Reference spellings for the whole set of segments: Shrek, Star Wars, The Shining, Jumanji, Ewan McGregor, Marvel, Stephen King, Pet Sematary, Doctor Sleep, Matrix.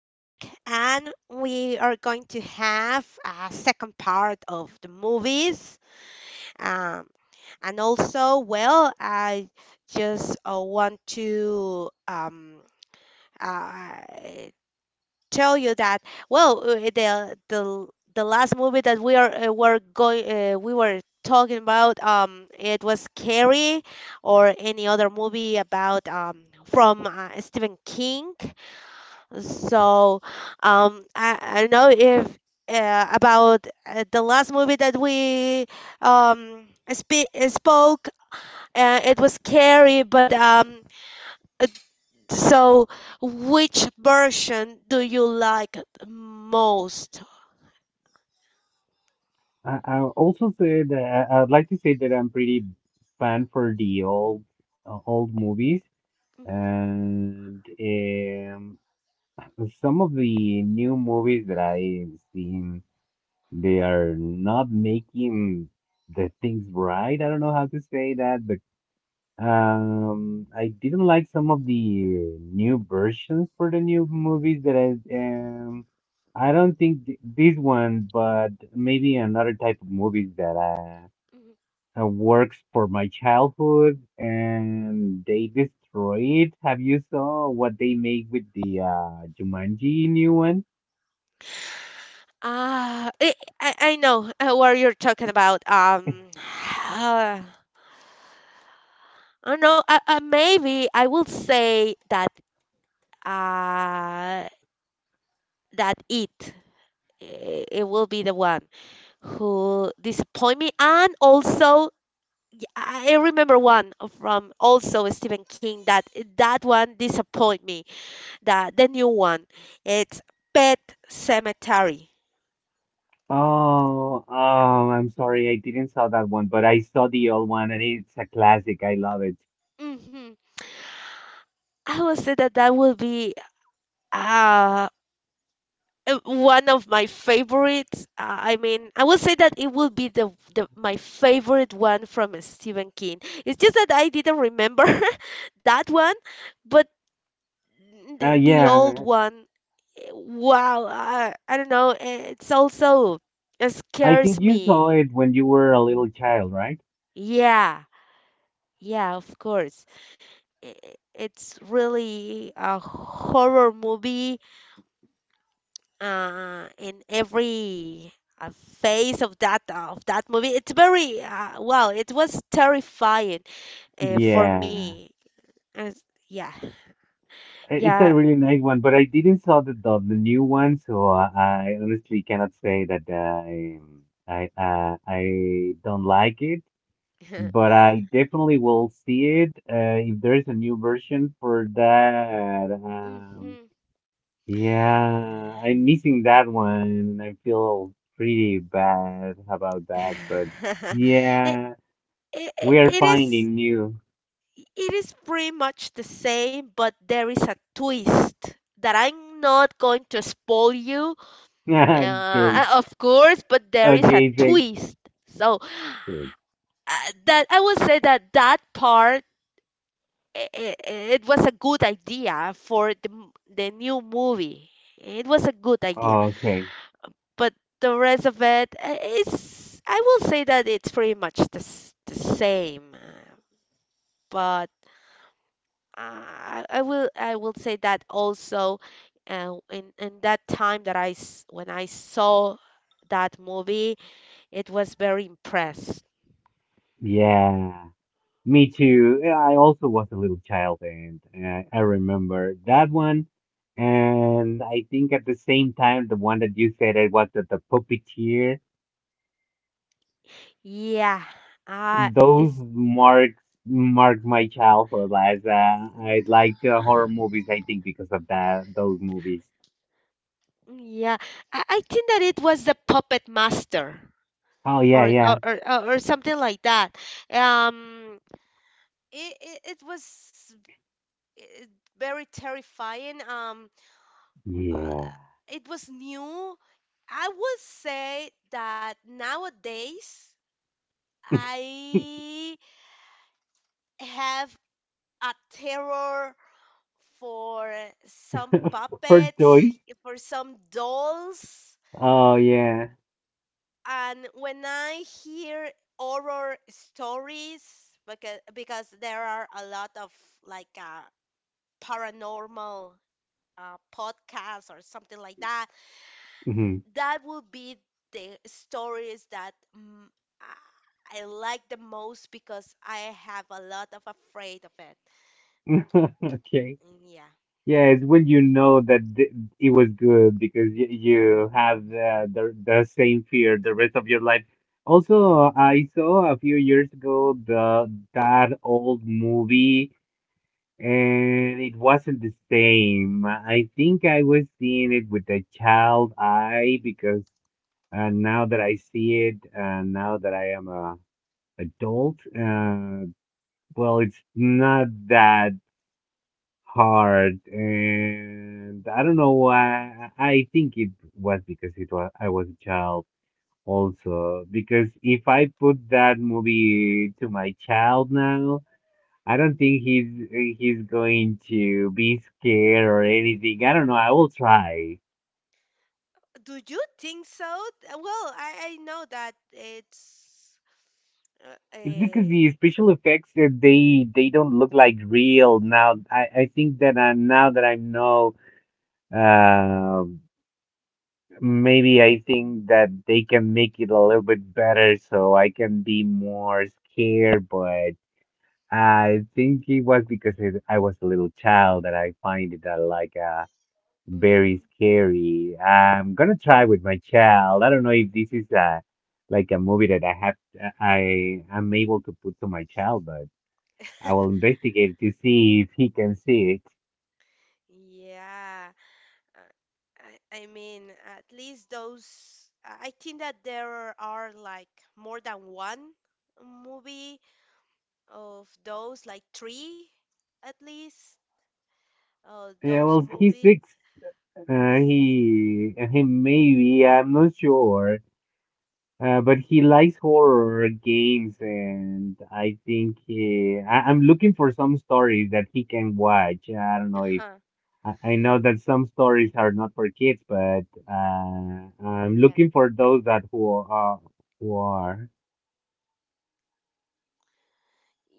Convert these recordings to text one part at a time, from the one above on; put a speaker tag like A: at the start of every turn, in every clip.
A: and we are going to have a second part of the movies. Um, and also, well, I just want to uh, tell you that, well, the last movie that we were talking about, it was Carrie or any other movie about from Stephen King. So, I don't know if about the last movie that we um spe spoke. It was scary, but uh, so which version do you like most?
B: I also say that I'd like to say that I'm pretty fan for the old old movies
A: Mhm,
B: and some of the new movies that I've seen they are not making the things right. I don't know how to say that, but
A: mhm,
B: I didn't like some of the new versions for the new movies that I. I don't think th this one, but maybe another type of movies that
A: mhm.
B: works for my childhood and they destroy it. Have you saw what they made with the Jumanji new one?
A: Ah, I know what you're talking about. I don't know. Maybe I will say that uh that it. It will be the one who disappoint me, and also I remember one from also Stephen King, that one disappoint me, that the new one, it's Pet Cemetery.
B: Oh, I'm sorry, I didn't saw that one, but I saw the old one and it's a classic. I love it.
A: Hmm. I will say that that will be, uh one of my favorites. I mean, I will say that it will be the my favorite one from Stephen King. It's just that I didn't remember that one. But the old
B: Yeah,
A: one. Wow, I don't know. It
B: I think
A: scares
B: you saw
A: me.
B: it when you were a little child, right?
A: Yeah, yeah, of course. It's really a horror movie. In every uh, phase of that movie. It's very, wow, it was terrifying for
B: Yeah,
A: me. As- yeah,
B: it's a
A: yeah.
B: really nice one, but I didn't saw the new one, so I honestly cannot say that I don't like it.
A: Mhm.
B: But I definitely will see it if there is a new version for that.
A: Mhm.
B: Yeah, I'm missing that one, and I feel pretty bad about that. But
A: it,
B: yeah,
A: it,
B: we are finding new.
A: it is pretty much the same, but there is a twist that I'm not going to spoil you,
B: Great.
A: of course, but there is a
B: Okay, thanks.
A: twist. So
B: Great.
A: uh, that I would say that that part, it was a good idea for the new movie. It was a good idea,
B: Okay.
A: but the rest of it, it's I will say that it's pretty much the same, but I will say that also, in that time that, when I saw that movie, it was very impressed.
B: Yeah. Me too. Yeah, I also was a little child and I remember that one. And I think at the same time, the one that you said it was the puppeteer.
A: Yeah. uh
B: Those
A: it's
B: marks mark my childhood as I liked horror movies, I think, because of that, those movies.
A: Yeah. I think that it was the puppet master,
B: Oh, yeah,
A: or or
B: yeah.
A: or, or or something like that. um it was, eh, very terrifying.
B: Yeah.
A: Uh, it was new. I would say that nowadays I have a terror for some
B: For
A: puppets,
B: toys.
A: for some dolls.
B: Oh, yeah.
A: And when I hear horror stories, because there are a lot of like, paranormal, podcasts or something like that,
B: Hmm.
A: that would be the stories that, I like the most because I have a lot of afraid of it.
B: Okay.
A: Mm, yeah.
B: Yeah, it's when you know that it was good because you have the same fear the rest of your life. Also,
A: Mhm.
B: I saw a few years ago the that old movie, and it wasn't the same. I think I was seeing it with a child eye because now that I see it, now that I am a adult, well, it's not that hard, and I don't know why. I think it was because it was I was a child also. Because if I put that movie to my child now, I don't think he's going to be scared or anything. I don't know. I will try.
A: Do you think so? Well, I know that it's, uh,
B: It's because
A: eh,
B: the special effects
A: yeah.
B: they don't look like real now. I think that I, now that I know. Um. Maybe I think that they can make it a little bit better so I can be more scared, but I think it was because I was a little child that I find it that like very
A: Mhm.
B: scary. I'm gonna try with my child. I don't know if this is a like a movie that I have I am able to put to my child, but I will investigate to see if he can see it.
A: Yeah. Uh, I mean, at least those. I think that there are like more than one movie of those, like three at least.
B: Yeah,
A: Those
B: well, he's
A: movies.
B: six. He maybe, I'm not sure. But he likes horror games, and I think I'm looking for some stories that he can watch. I don't know if
A: Uh-huh.
B: I know that some stories are not for kids, but I'm
A: Yeah.
B: looking for those that who are, who are.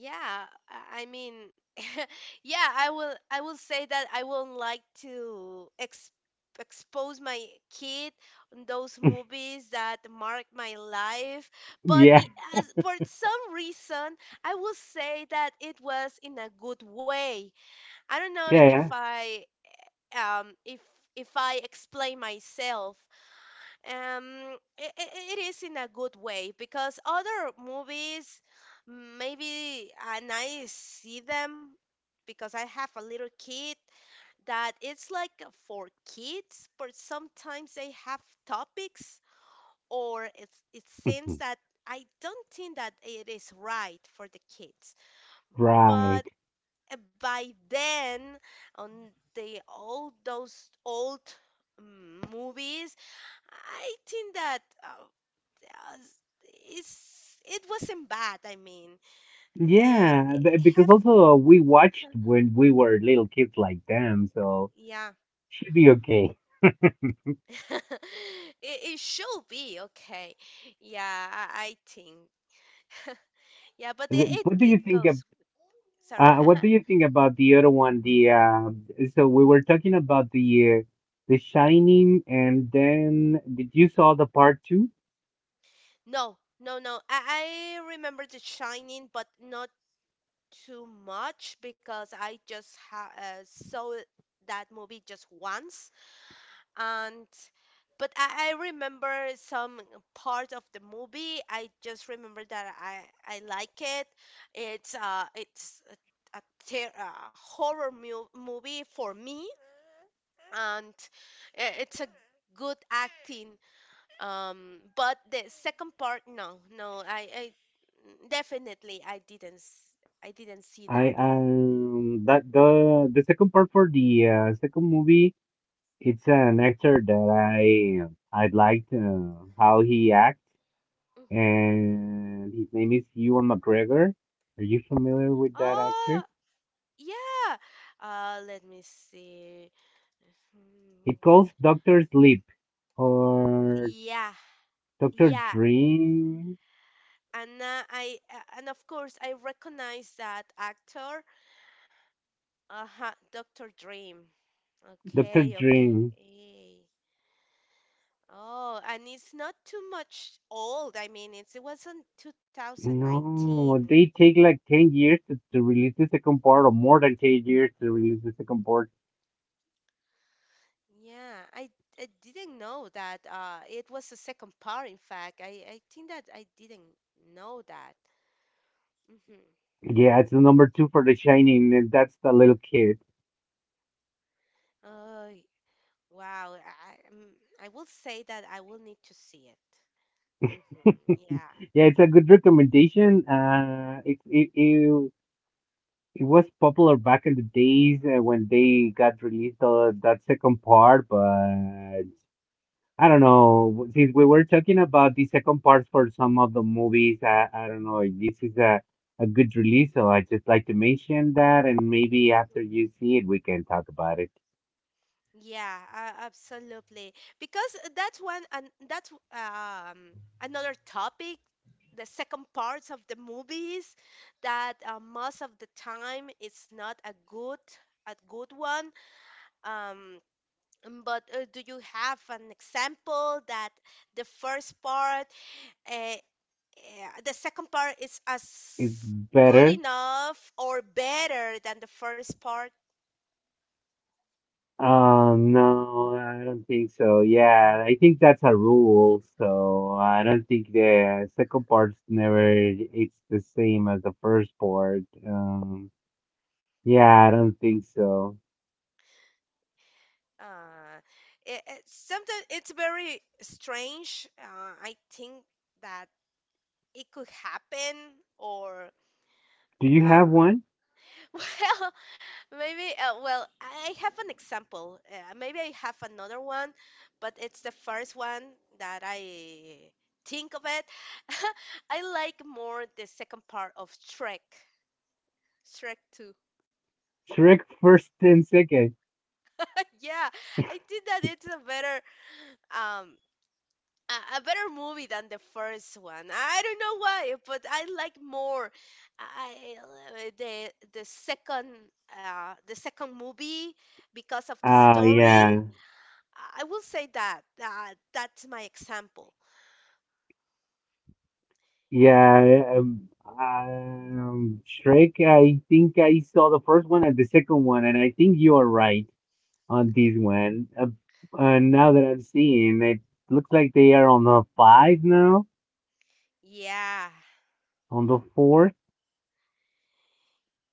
A: Yeah, I mean, yeah, I will say that I wouldn't like to ex expose my kid on those movies that mark my life, but,
B: Yeah,
A: as for some reason, I will say that it was in a good way. I don't know if,
B: yeah,
A: I um if if I explain myself. It is in a good way because other movies, maybe, and I see them because I have a little kid that it's like for kids, but sometimes they have topics or, it
B: yeah.
A: seems that, I don't think that it is right for the kids.
B: Right.
A: But, by then, on the all those old, movies, I think that. As- it's it wasn't bad. I mean,
B: Yeah,
A: it
B: because
A: have,
B: also we watched when we were little kids like them, so
A: yeah,
B: should be okay.
A: it, it should be okay. Yeah, I think. Yeah, but
B: Th- What do you
A: it
B: think
A: goes. Sorry.
B: What
A: Uh-huh.
B: do you think about the other one? The so we were talking about the Shining, and then did you saw the part two?
A: No, no, no. I remember The Shining, but not too much because I just, ha saw that movie just once. And but I remember some part of the movie. I just remember that I like it. It's a, a, a horror movie for me, and it's a good acting. But the second part, no, no, I definitely I didn't see
B: I
A: that one.
B: that the second part for the second movie. It's an actor that I liked how he acts,
A: Mhm.
B: and his name is Ewan McGregor. Are you familiar with that actor?
A: Oh, yeah. Let me see.
B: He
A: Hmm.
B: calls Doctor Sleep or
A: Yeah.
B: Doctor
A: Yeah,
B: Dream.
A: and of course I recognize that actor. Uh-huh, Dr. Dream.
B: Doctor
A: Okay,
B: Dream.
A: okay. Oh, and it's not too much old. I mean, it was in
B: No,
A: 2019.
B: they take like 10 years to release the second part, or more than 10 years to release the second part.
A: Yeah, I didn't know that, it was the second part, in fact. I think that I didn't know that. Mm-hmm.
B: Yeah, it's the number two for The Shining, and that's the little kid.
A: Oh, wow. I will say that I will need to see it. Mm-hmm. Yeah.
B: Yeah, it's a good recommendation. It was popular back in the days when they got released that second part, but I don't know. Since we were talking about the second part for some of the movies, I don't know. If this is a good release, so I just like to mention that, and maybe after you see it, we can talk about it.
A: Yeah, absolutely. Because that's one, and that's, another topic. The second parts of the movies that, most of the time it's not a good, a good one. Um, but, do you have an example that the first part, uh, the second part is as
B: It's
A: good
B: better.
A: enough or better than the first part?
B: No, I don't think so. Yeah, I think that's a rule. So I don't think the second part's never it's the same as the first part. Yeah, I don't think so.
A: Uh, Sometimes it's very strange. I think that it could happen or,
B: Do you
A: uh,
B: have one?
A: well, maybe, well, I have an example. Maybe I have another one, but it's the first one that I think of it. I like more the second part of Shrek. Shrek 2.
B: Shrek first and second.
A: Yeah, I think that it's a better, um a better movie than the first one. I don't know why, but I like more, I, the second the second movie because of the story.
B: Yeah.
A: I will say that, that's my example. Yeah,
B: Yeah, um Shrek, I think I saw the first one and the second one and I think you are right on this one. Uh, now that I'm seeing it looks like they are on the five now,
A: yeah,
B: on the fourth.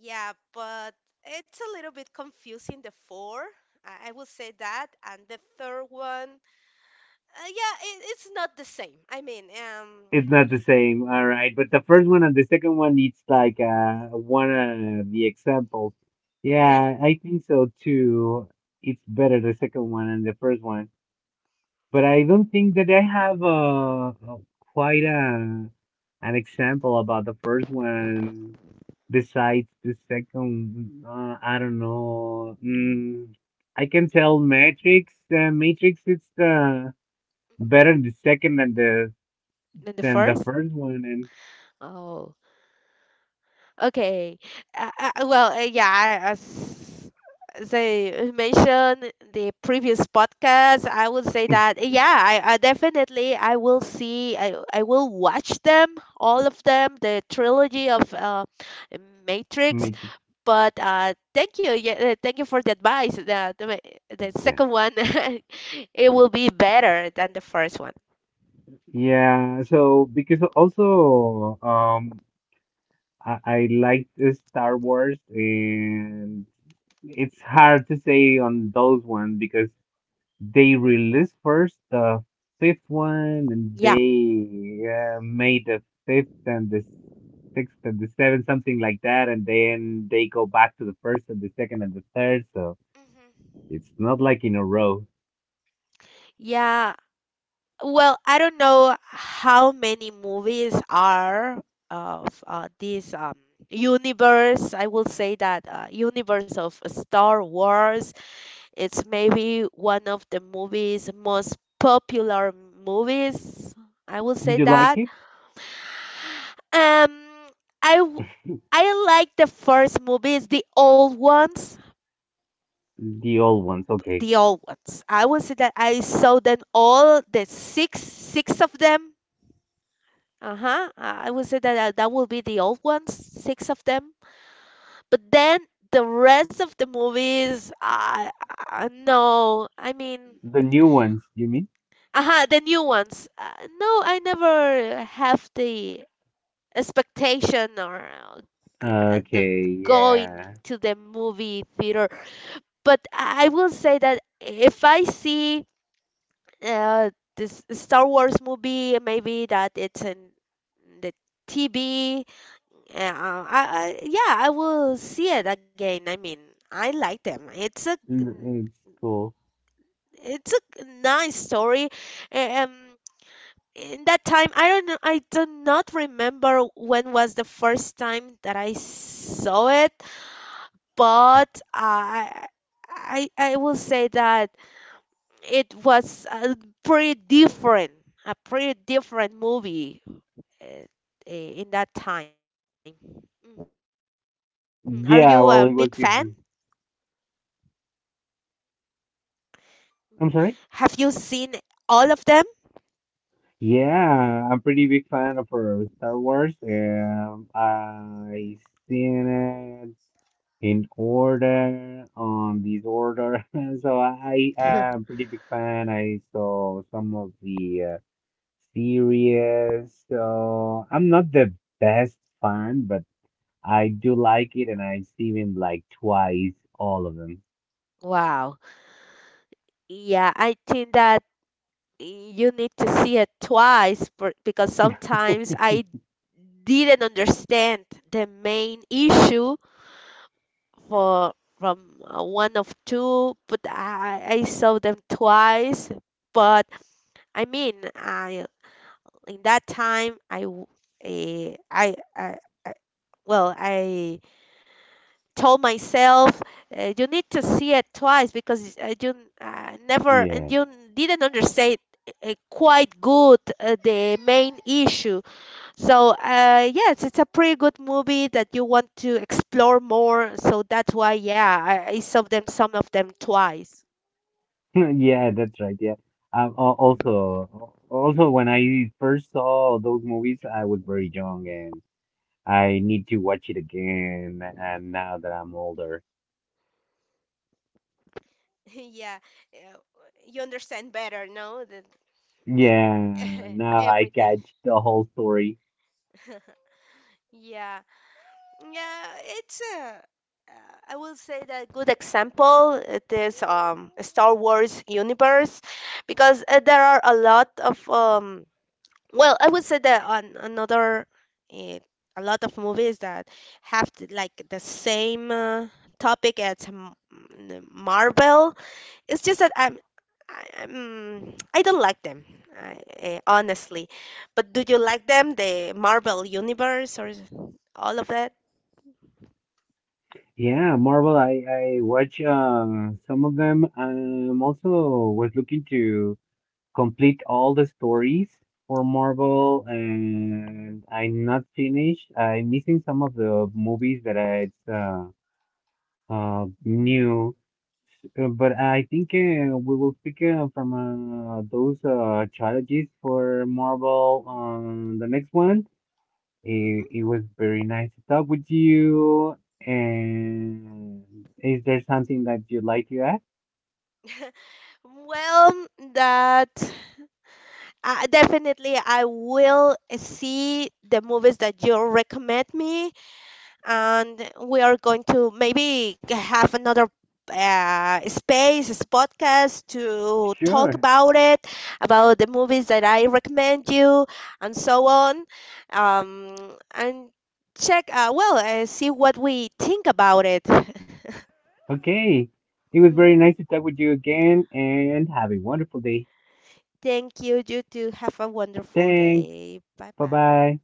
A: yeah. But it's a little bit confusing. The four, I will say that, and the third one, yeah, it's not the same. I mean,
B: It's not the same, all right. But the first one and the second one it's like one of the examples.
A: yeah.
B: Yeah, I think so too. It's better the second one and the first one. But I don't think that I have quite a an example about the first one. Besides the second, I don't know. Mm, I can tell Matrix. Matrix is the
A: Mhm.
B: better the second
A: Than the
B: than the
A: first.
B: first one and
A: Oh. Okay. Well, yeah, as they mentioned in the previous podcast, I would say that, yeah, I definitely I will watch them all of them, the trilogy of, Matrix.
B: Matrix.
A: But, thank you, yeah, thank you for the advice. The
B: Yeah.
A: second one, it will be better than the first one.
B: Yeah, so because also I liked Star Wars, and it's hard to say on those ones because they released first the fifth one, and
A: Yeah.
B: they made the fifth and the sixth and the seventh, something like that, and then they go back to the first and the second and the third. So
A: Hmm.
B: it's not like in a row.
A: Yeah, well, I don't know how many movies are of, this, universe. I will say that, universe of Star Wars. It's maybe one of the movies most popular movies. I will
B: Did
A: say
B: you like
A: that.
B: it?
A: Um, I w- I like the first movies, the old ones.
B: The old ones, okay.
A: The old ones. I will say that I saw them all, the six of them. Uh-huh. I would say that, that will be the old ones, six of them. But then the rest of the movies, I no, I mean,
B: The new ones, you mean?
A: uh-huh, the new ones. No, I never have the expectation or, the
B: Okay,
A: going
B: yeah.
A: to the movie theater. But I will say that if I see, uh, this Star Wars movie, maybe that it's in the TV. Yeah, yeah, I will see it again. I mean, I like them.
B: Mm, it's cool.
A: It's a nice story. A- Um, in that time, I don't know, I do not remember when was the first time that I saw it, but I will say that it was pretty different, a pretty different movie, uh, in that time. Mhm. Are you a big fan?
B: Yeah, well, it was different. I'm
A: Have
B: sorry?
A: you seen all of them?
B: Yeah, I'm pretty big fan of Star Wars. I seen it in order, on this order. So I am pretty big fan. I saw some of the series. So I'm not the best fan, but I do like it, and I've seen it like twice, all of them.
A: Wow. Yeah, I think that you need to see it twice, because sometimes I didn't understand the main issue, for from, one of two, but I saw them twice. But I mean, I in that time, I w- eh, I well I told myself, you need to see it twice because, you, never, and
B: Yeah.
A: you didn't understand, quite good, the main issue. So, yes, it's a pretty good movie that you want to explore more, so that's why, yeah, I saw them, some of them, twice. Mhm.
B: Yeah, that's right. Yeah. Also when I first saw those movies, I was very young and I need to watch it again. And now that I'm older,
A: Yeah, uh, you understand better, no? Than
B: yeah, now I
A: everything.
B: catch the whole story.
A: Yeah. Yeah, it's a, I will say that good example. It is, Star Wars universe, because, there are a lot of, well, I would say that on another, uh, a lot of movies that have like the same, topic as Marvel. It's just that I don't like them. I, Honestly, but do you like them? The Marvel universe or all of that?
B: Yeah, Marvel, I watch some of them. Also was looking to complete all the stories for Marvel, and I'm not finished. I'm missing some of the movies that I it's new, but I think we will speak from those challenges for Marvel on the next one. It
A: Mhm.
B: was very nice to talk with you. And is there something that you'd like to add?
A: Well, that, definitely I will see the movies that you recommend me, and we are going to maybe have another, space, this podcast to talk
B: Sure.
A: about it, about the movies that I recommend you, and so on. Um, and check, well, see what we think about it.
B: Okay, it was very
A: Hmm.
B: nice to talk with you again, and have a wonderful day.
A: Thank you. You too. Have a wonderful
B: Thanks.
A: day. Bye
B: Bye
A: bye.
B: bye.